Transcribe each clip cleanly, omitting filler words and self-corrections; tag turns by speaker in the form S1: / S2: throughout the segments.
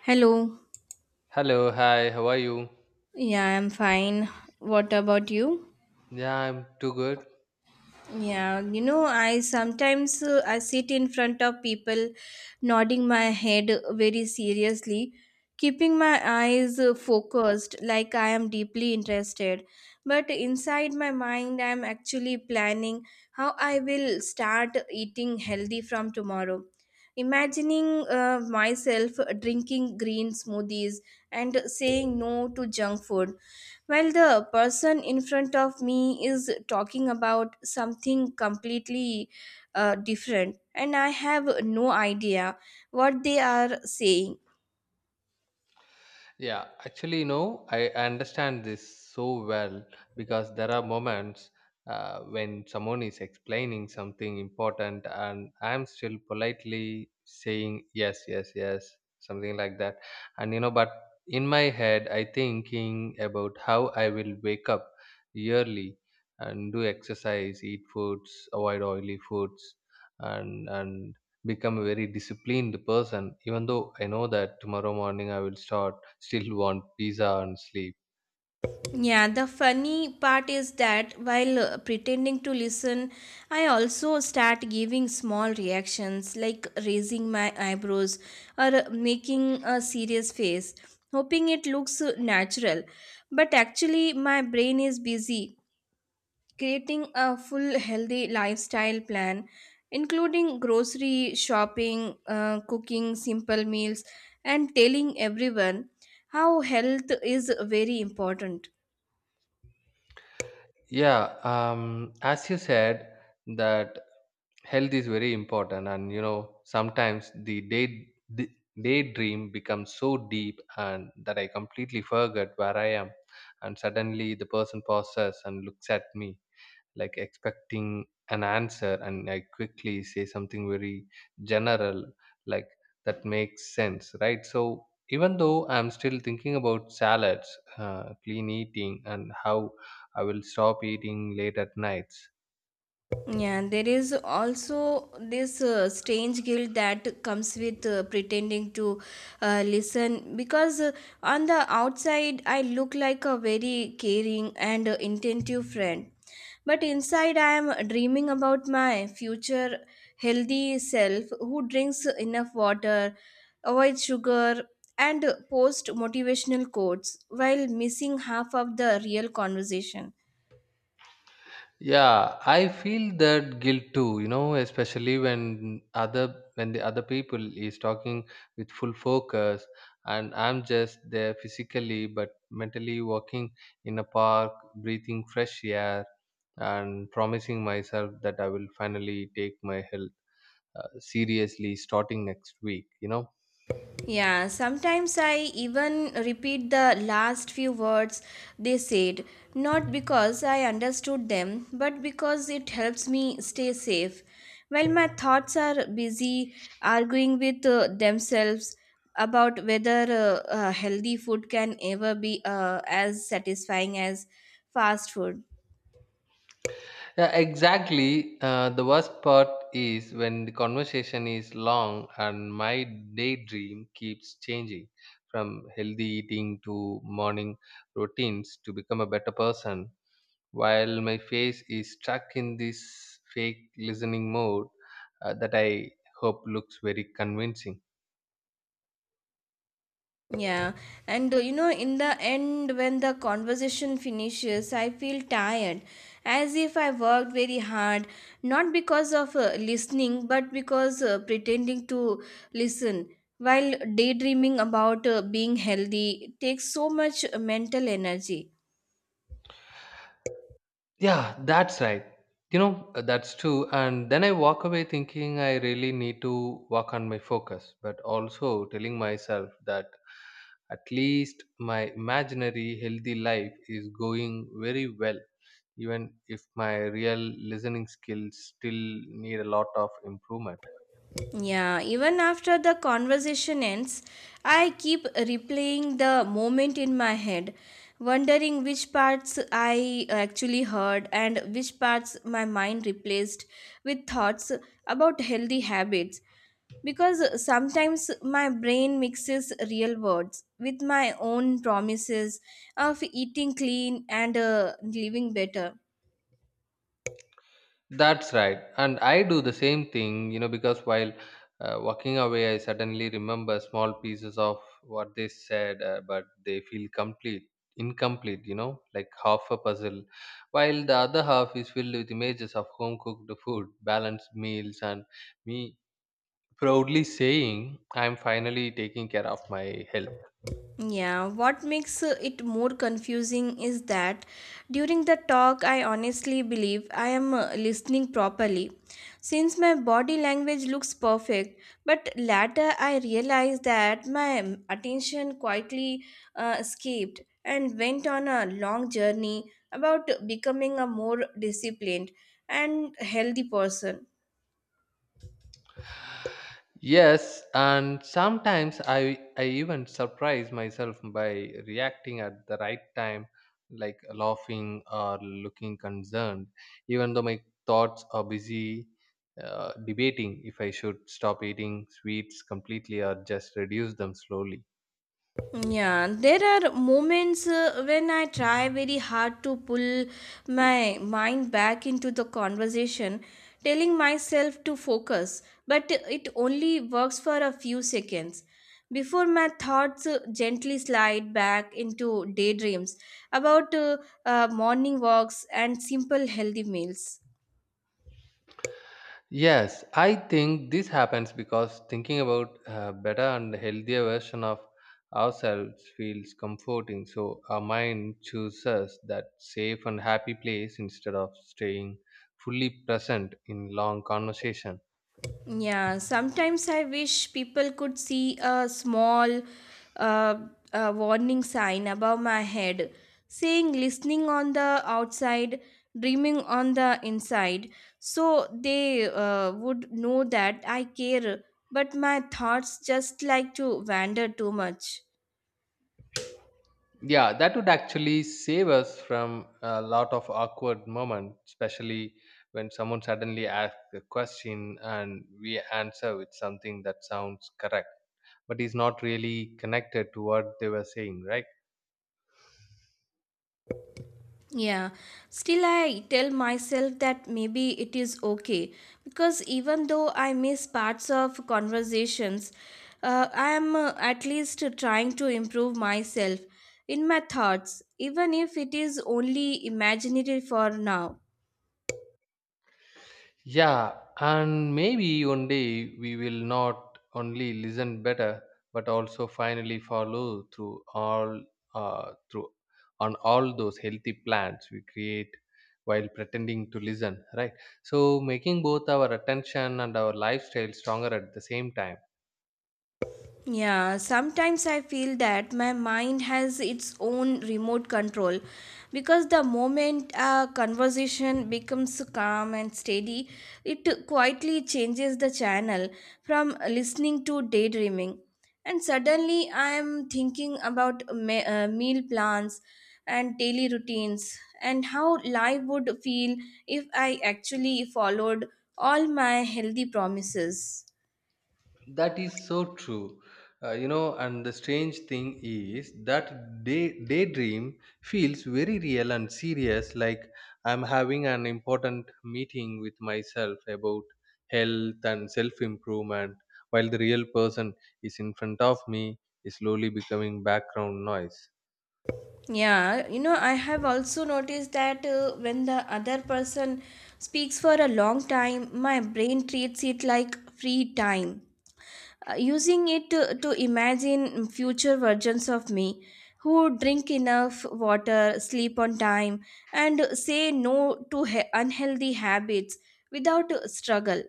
S1: Hello.
S2: Hello, hi, how are you?
S1: Yeah, I'm fine. What about you?
S2: Yeah, I'm too good.
S1: Yeah, you know, I sometimes I sit in front of people nodding my head very seriously, keeping my eyes focused like I am deeply interested. But inside my mind, I'm actually planning how I will start eating healthy from tomorrow. Imagining myself drinking green smoothies and saying no to junk food. Well, the person in front of me is talking about something completely different, and I have no idea what they are saying.
S2: Yeah, actually, you know, I understand this so well because there are moments when someone is explaining something important, and I'm still politely saying yes, yes, yes, something like that. And, you know, but in my head, I thinking about how I will wake up yearly and do exercise, eat foods, avoid oily foods, and become a very disciplined person, even though I know that tomorrow morning I will start still want pizza and sleep.
S1: Yeah, the funny part is that while pretending to listen, I also start giving small reactions like raising my eyebrows or making a serious face, hoping it looks natural. But actually, my brain is busy creating a full healthy lifestyle plan including grocery shopping, cooking simple meals and telling everyone how health is very important.
S2: Yeah, as you said that health is very important. And you know, sometimes the daydream becomes so deep, and that I completely forget where I am. And suddenly the person pauses and looks at me, like expecting an answer, and I quickly say something very general, like that makes sense, right? So even though I'm still thinking about salads, clean eating, and how I will stop eating late at nights.
S1: Yeah, there is also this strange guilt that comes with pretending to listen, because on the outside I look like a very caring and attentive friend, but inside I am dreaming about my future healthy self who drinks enough water, avoids sugar, and posts motivational quotes while missing half of the real conversation.
S2: Yeah, I feel that guilt too, you know, especially when the other people is talking with full focus, and I'm just there physically but mentally walking in a park, breathing fresh air, and promising myself that I will finally take my health seriously starting next week, you know.
S1: Yeah, sometimes I even repeat the last few words they said, not because I understood them, but because it helps me stay safe. While my thoughts are busy arguing with themselves about whether healthy food can ever be as satisfying as fast food.
S2: Yeah, exactly. The worst part is when the conversation is long and my daydream keeps changing from healthy eating to morning routines to become a better person, while my face is stuck in this fake listening mode that I hope looks very convincing.
S1: Yeah, and you know, in the end, when the conversation finishes, I feel tired, as if I worked very hard, not because of listening, but because pretending to listen. While daydreaming about being healthy takes so much mental energy.
S2: Yeah, that's right. You know, that's true. And then I walk away thinking I really need to work on my focus, but also telling myself that at least my imaginary healthy life is going very well, even if my real listening skills still need a lot of improvement.
S1: Yeah, even after the conversation ends, I keep replaying the moment in my head, wondering which parts I actually heard and which parts my mind replaced with thoughts about healthy habits. Because sometimes my brain mixes real words with my own promises of eating clean and living better.
S2: That's right. And I do the same thing, you know, because while walking away, I suddenly remember small pieces of what they said, but they feel incomplete, you know, like half a puzzle, while the other half is filled with images of home cooked food, balanced meals, and me proudly saying, I'm finally taking care of my health.
S1: Yeah, what makes it more confusing is that during the talk, I honestly believe I am listening properly since my body language looks perfect. But later, I realized that my attention quietly escaped and went on a long journey about becoming a more disciplined and healthy person.
S2: Yes, and sometimes I even surprise myself by reacting at the right time, like laughing or looking concerned, even though my thoughts are busy debating if I should stop eating sweets completely or just reduce them slowly.
S1: Yeah, there are moments when I try very hard to pull my mind back into the conversation, telling myself to focus, but it only works for a few seconds before my thoughts gently slide back into daydreams about morning walks and simple healthy meals.
S2: Yes, I think this happens because thinking about a better and healthier version of ourselves feels comforting. So our mind chooses that safe and happy place instead of staying fully present in long conversation.
S1: Yeah, sometimes I wish people could see a small uh, warning sign above my head saying listening on the outside, dreaming on the inside. So they would know that I care, but my thoughts just like to wander too much.
S2: Yeah, that would actually save us from a lot of awkward moments, especially when someone suddenly asks a question and we answer with something that sounds correct but is not really connected to what they were saying, right?
S1: Yeah, still, I tell myself that maybe it is okay because even though I miss parts of conversations, I am at least trying to improve myself in my thoughts, even if it is only imaginary for now.
S2: Yeah, and maybe one day we will not only listen better, but also finally follow through all through on all those healthy plans we create while pretending to listen, right? So making both our attention and our lifestyle stronger at the same time.
S1: Yeah, sometimes I feel that my mind has its own remote control because the moment a conversation becomes calm and steady, it quietly changes the channel from listening to daydreaming. And suddenly I am thinking about meal plans and daily routines and how life would feel if I actually followed all my healthy promises.
S2: That is so true. You know, and the strange thing is that daydream feels very real and serious, like I'm having an important meeting with myself about health and self improvement, while the real person is in front of me, is slowly becoming background noise.
S1: Yeah, you know, I have also noticed that when the other person speaks for a long time, my brain treats it like free time, using it to imagine future versions of me who drink enough water, sleep on time, and say no to unhealthy habits without struggle.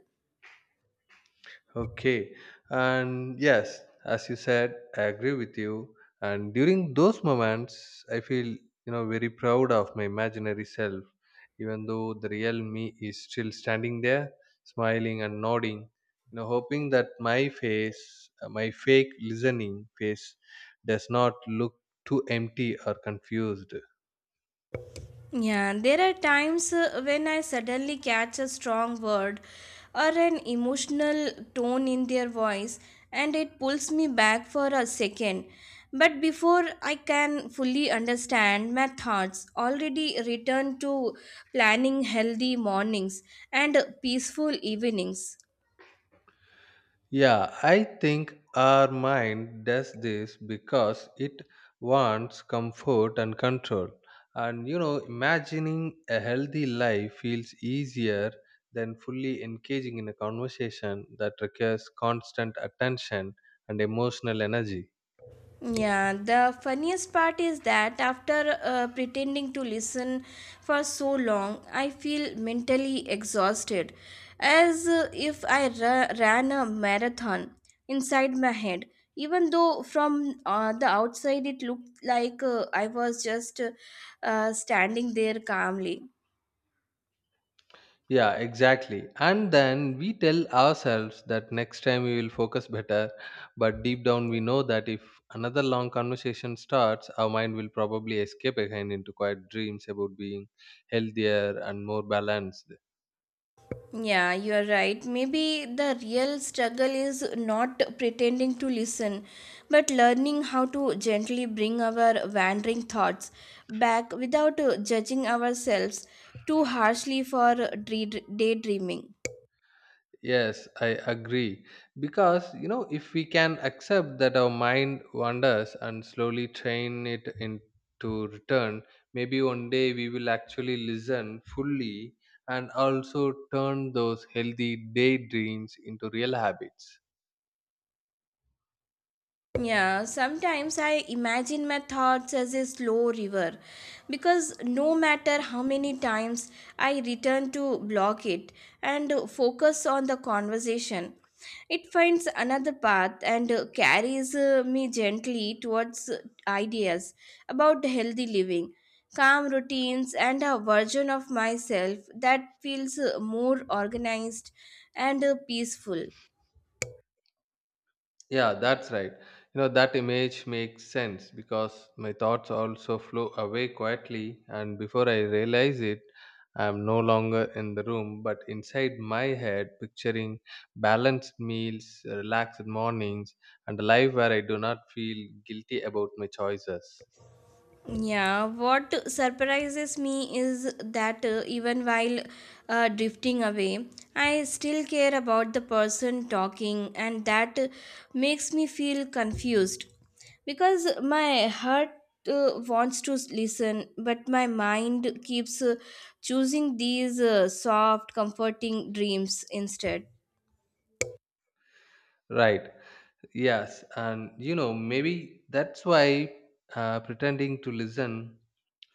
S2: Okay. And yes, as you said, I agree with you. And during those moments, I feel, you know, very proud of my imaginary self, even though the real me is still standing there, smiling and nodding, you know, hoping that my face, my fake listening face, does not look too empty or confused.
S1: Yeah, there are times when I suddenly catch a strong word or an emotional tone in their voice and it pulls me back for a second. But before I can fully understand, my thoughts already return to planning healthy mornings and peaceful evenings.
S2: Yeah, I think our mind does this because it wants comfort and control. And you know, imagining a healthy life feels easier than fully engaging in a conversation that requires constant attention and emotional energy.
S1: Yeah, the funniest part is that after pretending to listen for so long, I feel mentally exhausted, as if I ran a marathon inside my head. Even though from the outside it looked like I was just standing there calmly.
S2: Yeah, exactly. And then we tell ourselves that next time we will focus better, but deep down we know that if another long conversation starts, our mind will probably escape again into quiet dreams about being healthier and more balanced.
S1: Yeah, you're right. Maybe the real struggle is not pretending to listen, but learning how to gently bring our wandering thoughts back without judging ourselves too harshly for daydreaming.
S2: Yes, I agree. Because, you know, if we can accept that our mind wanders and slowly train it into return, maybe one day we will actually listen fully and also turn those healthy daydreams into real habits.
S1: Yeah, sometimes I imagine my thoughts as a slow river because no matter how many times I return to block it and focus on the conversation, it finds another path and carries me gently towards ideas about healthy living, calm routines, and a version of myself that feels more organized and peaceful.
S2: Yeah, that's right. You know, that image makes sense because my thoughts also flow away quietly, and before I realize it, I'm no longer in the room but inside my head, picturing balanced meals, relaxed mornings, and a life where I do not feel guilty about my choices.
S1: Yeah, what surprises me is that even while drifting away, I still care about the person talking, and that makes me feel confused because my heart wants to listen, but my mind keeps choosing these soft, comforting dreams instead.
S2: Right. Yes, and you know, maybe that's why pretending to listen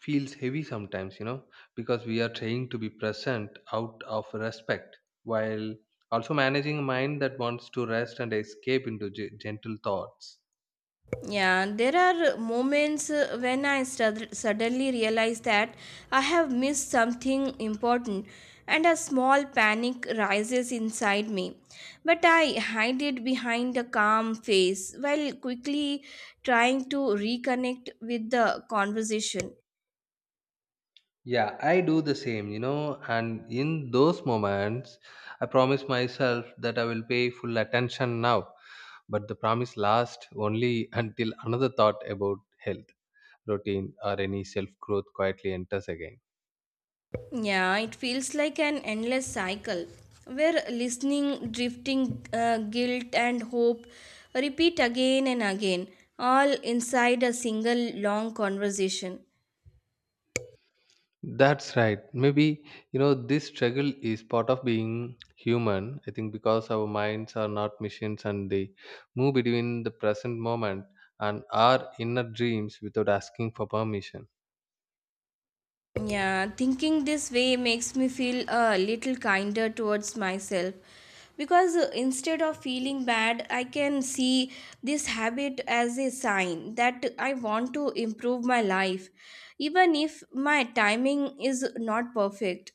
S2: feels heavy sometimes, you know, because we are trying to be present out of respect while also managing a mind that wants to rest and escape into gentle thoughts.
S1: Yeah, there are moments when I suddenly realize that I have missed something important and a small panic rises inside me. But I hide it behind a calm face while quickly trying to reconnect with the conversation.
S2: Yeah, I do the same, you know, and in those moments, I promise myself that I will pay full attention now, but the promise lasts only until another thought about health, routine, or any self growth quietly enters again.
S1: Yeah, it feels like an endless cycle where listening, drifting, guilt, and hope repeat again and again, all inside a single long conversation.
S2: That's right. Maybe, you know, this struggle is part of being human. I think because our minds are not machines, and they move between the present moment and our inner dreams without asking for permission.
S1: Yeah, thinking this way makes me feel a little kinder towards myself because instead of feeling bad, I can see this habit as a sign that I want to improve my life, even if my timing is not perfect.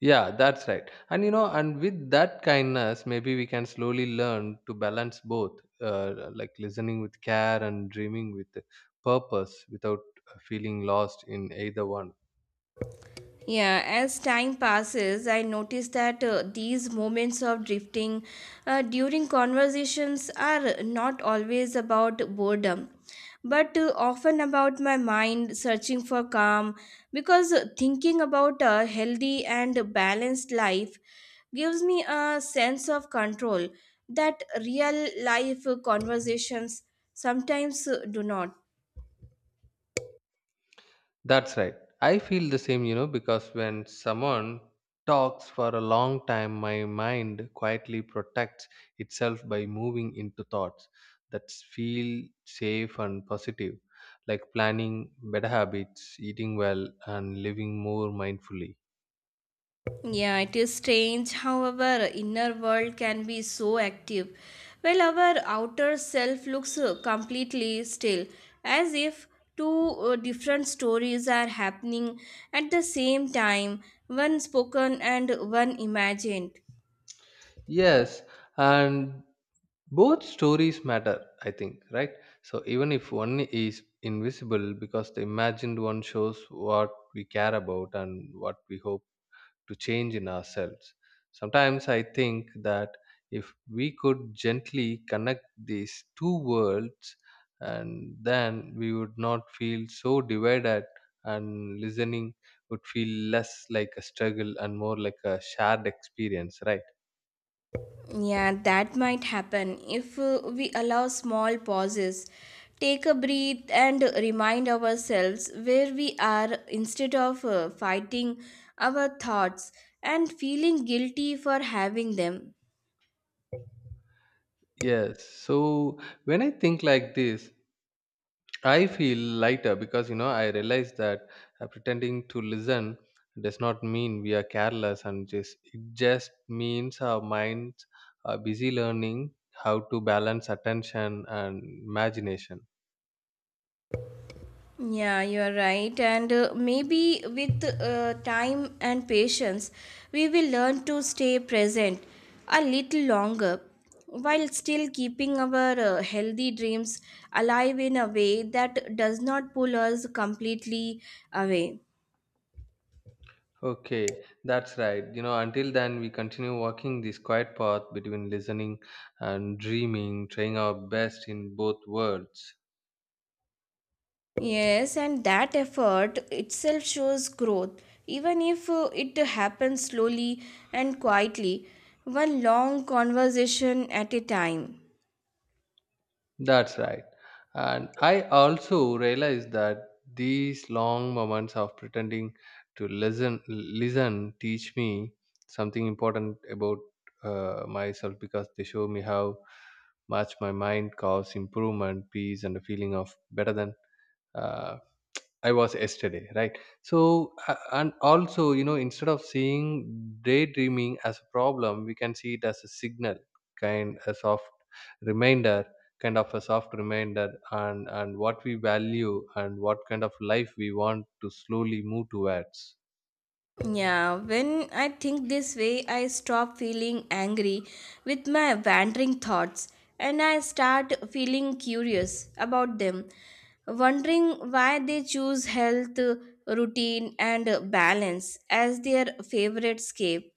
S2: Yeah, that's right. And you know, and with that kindness, maybe we can slowly learn to balance both, like listening with care and dreaming with purpose without feeling lost in either one.
S1: Yeah, as time passes, I notice that these moments of drifting during conversations are not always about boredom, but often about my mind searching for calm because thinking about a healthy and balanced life gives me a sense of control that real life conversations sometimes do not.
S2: That's right. I feel the same, you know, because when someone talks for a long time, my mind quietly protects itself by moving into thoughts that feel safe and positive, like planning better habits, eating well, and living more mindfully.
S1: Yeah, it is strange how our inner world can be so active, while our outer self looks completely still, as if two different stories are happening at the same time, one spoken and one imagined.
S2: Yes, and both stories matter, I think, right? So even if one is invisible, because the imagined one shows what we care about and what we hope to change in ourselves. Sometimes I think that if we could gently connect these two worlds, and then we would not feel so divided, and listening would feel less like a struggle and more like a shared experience, right?
S1: Yeah, that might happen if we allow small pauses, take a breath, and remind ourselves where we are instead of fighting our thoughts and feeling guilty for having them.
S2: Yes. So when I think like this, I feel lighter because you know I realize that pretending to listen does not mean we are careless, and just it just means our minds are busy learning how to balance attention and imagination.
S1: Yeah, you're right. And maybe with time and patience, we will learn to stay present a little longer while still keeping our healthy dreams alive in a way that does not pull us completely away.
S2: Okay, that's right. You know, until then we continue walking this quiet path between listening and dreaming, trying our best in both worlds.
S1: Yes, and that effort itself shows growth, even if it happens slowly and quietly, one long conversation at a time.
S2: That's right. And I also realized that these long moments of pretending to listen, teach me something important about myself because they show me how much my mind causes improvement, peace, and a feeling of better than. Uh, I was yesterday, right? So, and also, you know, instead of seeing daydreaming as a problem, we can see it as a signal, kind a soft reminder, kind of a soft reminder, and what we value and what kind of life we want to slowly move towards.
S1: Yeah, when I think this way, I stop feeling angry with my wandering thoughts and I start feeling curious about them, wondering why they choose health, routine, and balance as their favorite escape.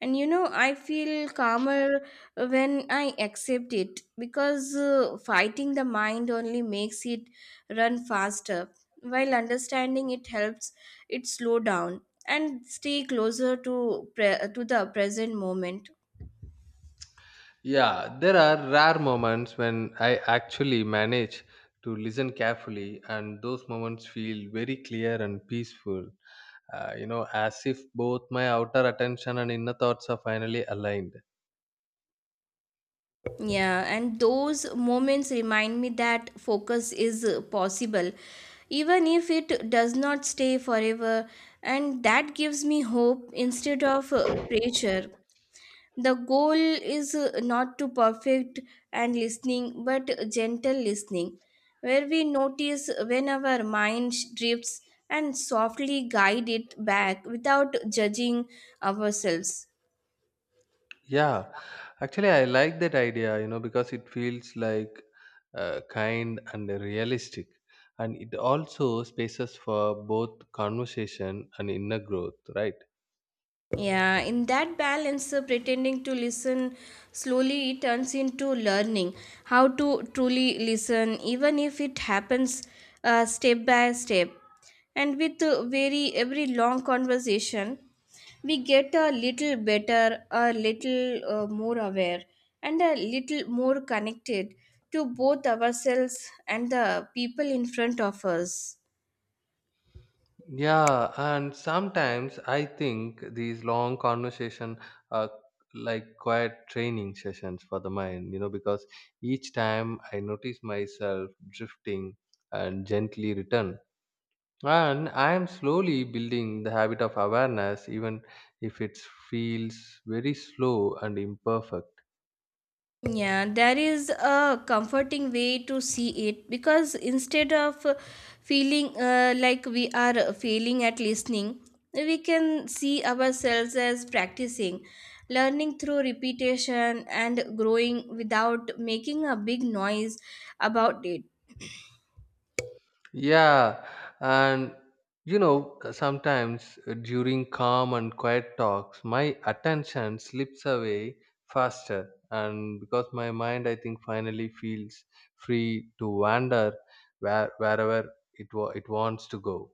S1: And you know, I feel calmer when I accept it because fighting the mind only makes it run faster, while understanding it helps it slow down and stay closer to to the present moment.
S2: Yeah, there are rare moments when I actually manage to listen carefully, and those moments feel very clear and peaceful. You know, as if both my outer attention and inner thoughts are finally aligned.
S1: Yeah, and those moments remind me that focus is possible even if it does not stay forever, and that gives me hope instead of pressure. The goal is not to perfect and listening, but gentle listening, where we notice when our mind drifts and softly guide it back without judging ourselves.
S2: Yeah, actually, I like that idea, you know, because it feels like kind and realistic, and it also spaces for both conversation and inner growth, right?
S1: Yeah, in that balance, pretending to listen slowly turns into learning how to truly listen, even if it happens step by step. And with very every long conversation, we get a little better, a little more aware, and a little more connected to both ourselves and the people in front of us.
S2: Yeah, and sometimes I think these long conversation are like quiet training sessions for the mind, you know, because each time I notice myself drifting and gently return. And I am slowly building the habit of awareness, even if it feels very slow and imperfect.
S1: Yeah, there is a comforting way to see it because instead of feeling like we are failing at listening, we can see ourselves as practicing, learning through repetition, and growing without making a big noise about it.
S2: Yeah, and you know, sometimes during calm and quiet talks, my attention slips away faster, and because my mind, I think, finally feels free to wander wherever it wants to go.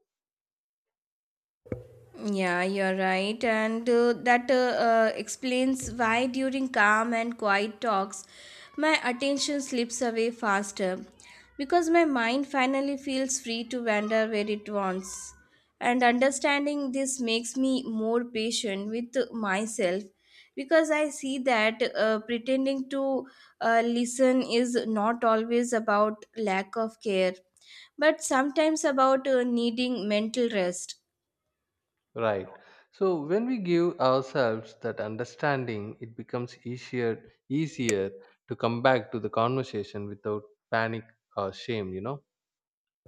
S1: Yeah, you're right. And that explains why during calm and quiet talks, my attention slips away faster because my mind finally feels free to wander where it wants. And understanding this makes me more patient with myself because I see that pretending to listen is not always about lack of care, but sometimes about needing mental rest.
S2: Right. So when we give ourselves that understanding, it becomes easier to come back to the conversation without panic or shame, you know.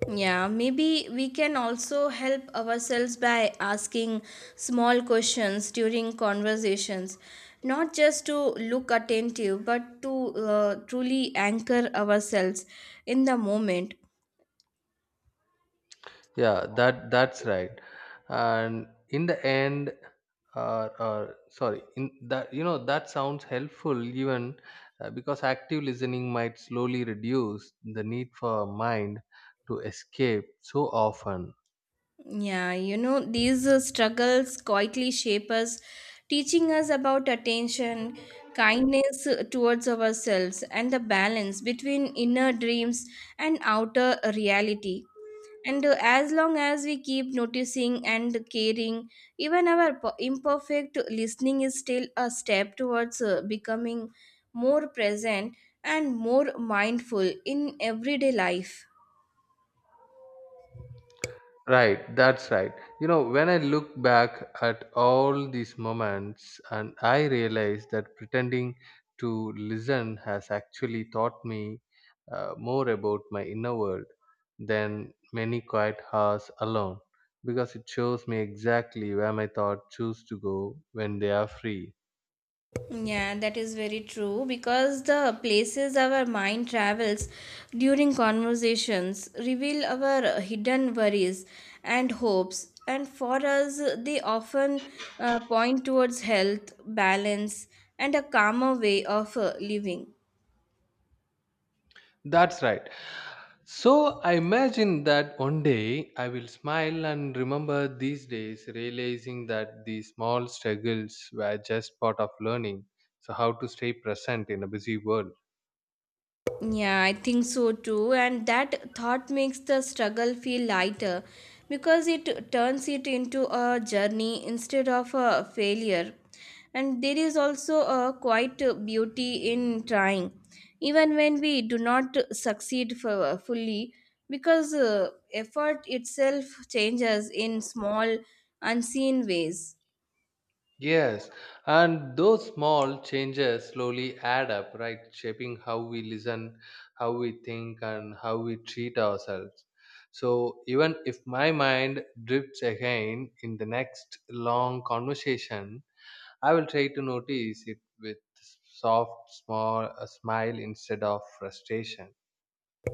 S1: Yeah, maybe we can also help ourselves by asking small questions during conversations, not just to look attentive, but to truly anchor ourselves in the moment.
S2: Yeah, that's right. And in the end, or sorry, in that, you know, that sounds helpful, even because active listening might slowly reduce the need for mind to escape so often.
S1: Yeah, you know, these struggles quietly shape us, teaching us about attention, kindness towards ourselves, and the balance between inner dreams and outer reality. And as long as we keep noticing and caring, even our imperfect listening is still a step towards becoming more present and more mindful in everyday life.
S2: Right, that's right. You know, when I look back at all these moments and I realize that pretending to listen has actually taught me more about my inner world than many quiet hours alone because it shows me exactly where my thoughts choose to go when they are free.
S1: Yeah, that is very true because the places our mind travels during conversations reveal our hidden worries and hopes. And for us, they often point towards health, balance, and a calmer way of living.
S2: That's right. So I imagine that one day I will smile and remember these days, realizing that these small struggles were just part of learning. So, how to stay present in a busy world.
S1: Yeah, I think so too. And that thought makes the struggle feel lighter because it turns it into a journey instead of a failure. And there is also a quite beauty in trying, even when we do not succeed fully, because effort itself changes in small, unseen ways.
S2: Yes, and those small changes slowly add up, right? Shaping how we listen, how we think, and how we treat ourselves. So, even if my mind drifts again in the next long conversation, I will try to notice it with soft, small a smile instead of frustration.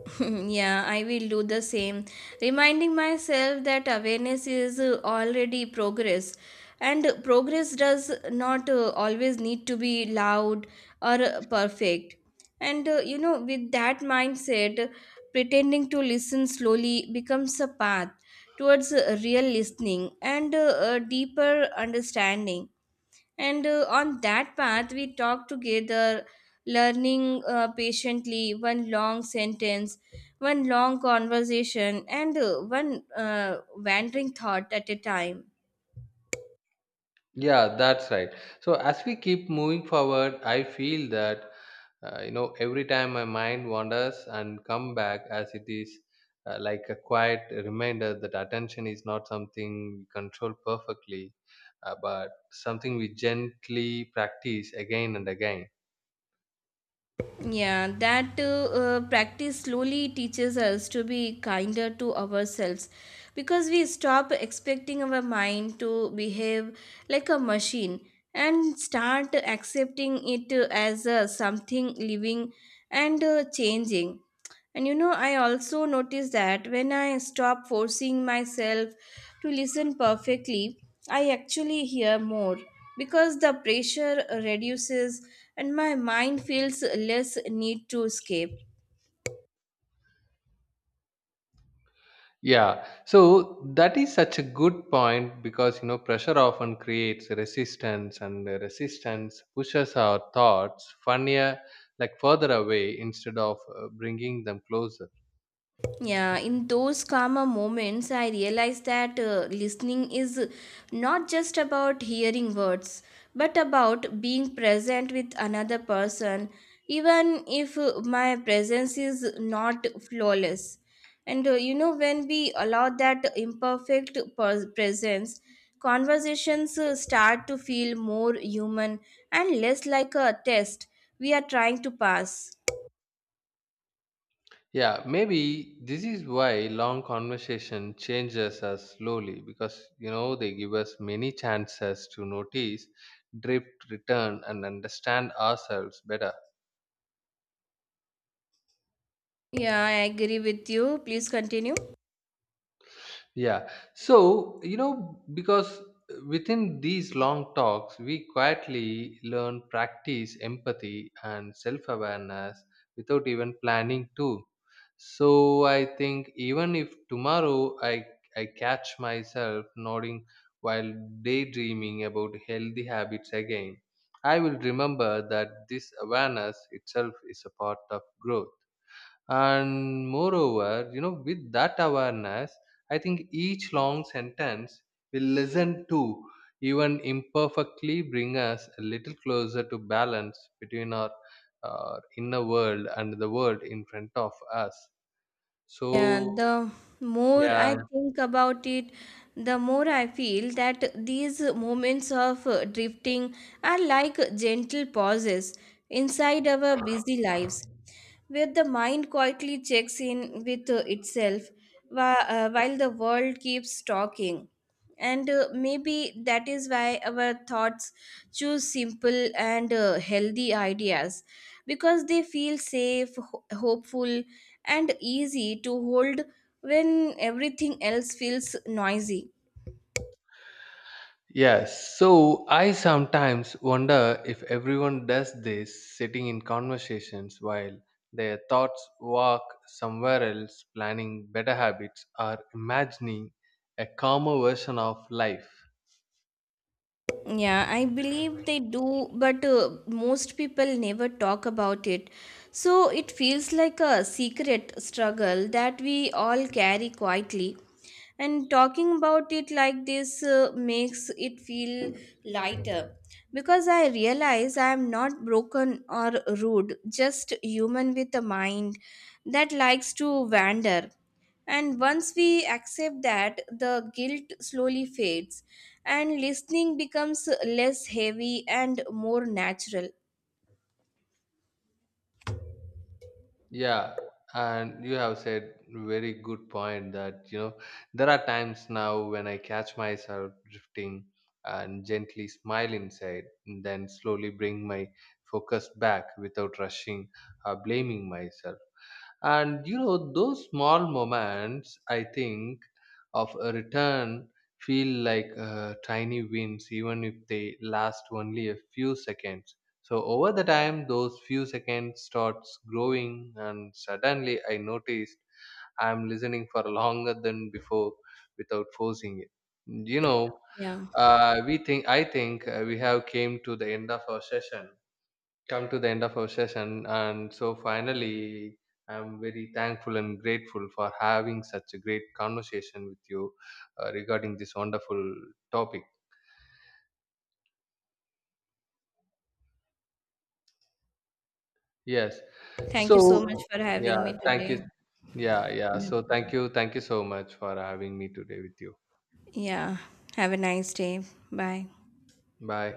S1: Yeah, I will do the same, reminding myself that awareness is already progress. And progress does not always need to be loud or perfect. And you know, with that mindset, pretending to listen slowly becomes a path towards real listening and a deeper understanding. And on that path, we talked together, learning patiently one long sentence, one long conversation, and one wandering thought at a time.
S2: Yeah, that's right. So as we keep moving forward, I feel that you know every time my mind wanders and come back as it is like a quiet reminder that attention is not something we control perfectly, but something we gently practice again and again.
S1: Yeah, that practice slowly teaches us to be kinder to ourselves because we stop expecting our mind to behave like a machine and start accepting it as something living and changing. And you know, I also notice that when I stop forcing myself to listen perfectly, I actually hear more because the pressure reduces and my mind feels less need to escape.
S2: Yeah, so that is such a good point because you know pressure often creates resistance, and the resistance pushes our thoughts funnier, like further away instead of bringing them closer.
S1: Yeah, in those calmer moments, I realize that listening is not just about hearing words, but about being present with another person, even if my presence is not flawless. And you know, when we allow that imperfect presence, conversations start to feel more human and less like a test we are trying to pass.
S2: Yeah, maybe this is why long conversation changes us slowly because you know they give us many chances to notice, drift, return, and understand ourselves better.
S1: Yeah, I agree with you. Please continue.
S2: Yeah. So, you know, because within these long talks, we quietly learn practice empathy and self awareness without even planning to. So, I think even if tomorrow I catch myself nodding while daydreaming about healthy habits again, I will remember that this awareness itself is a part of growth. And moreover, you know, with that awareness, I think each long sentence will listen to, even imperfectly, bring us a little closer to balance between our inner world and the world in front of us.
S1: Yeah,
S2: So,
S1: the more
S2: yeah.
S1: I think about it, the more I feel that these moments of drifting are like gentle pauses inside our busy lives, where the mind quietly checks in with itself while the world keeps talking. And maybe that is why our thoughts choose simple and healthy ideas because they feel safe, hopeful, and easy to hold when everything else feels noisy.
S2: Yes, so I sometimes wonder if everyone does this sitting in conversations while their thoughts walk somewhere else, planning better habits or imagining a calmer version of life.
S1: Yeah, I believe they do, but most people never talk about it. So it feels like a secret struggle that we all carry quietly. And talking about it like this makes it feel lighter because I realize I am not broken or rude, just human with a mind that likes to wander. And once we accept that, the guilt slowly fades and listening becomes less heavy and more natural.
S2: Yeah, and you have said very good point that you know there are times now when I catch myself drifting and gently smile inside, and then slowly bring my focus back without rushing or blaming myself. And you know, those small moments, I think, of a return feel like tiny wins, even if they last only a few seconds. So over the time those few seconds starts growing, and suddenly I noticed I'm listening for longer than before without forcing it, you know.
S1: Yeah.
S2: Uh, we think i think uh, we have came to the end of our session, come to the end of our session and so finally I'm very thankful and grateful for having such a great conversation with you regarding this wonderful topic. Yes,
S1: Thank you so much
S2: so
S1: for
S2: yeah,
S1: having me
S2: thank you.
S1: today.
S2: Yeah, yeah,
S1: Yeah.
S2: so thank you, thank you so much for having me today with you.
S1: Yeah. Have a nice day. Bye.
S2: Bye.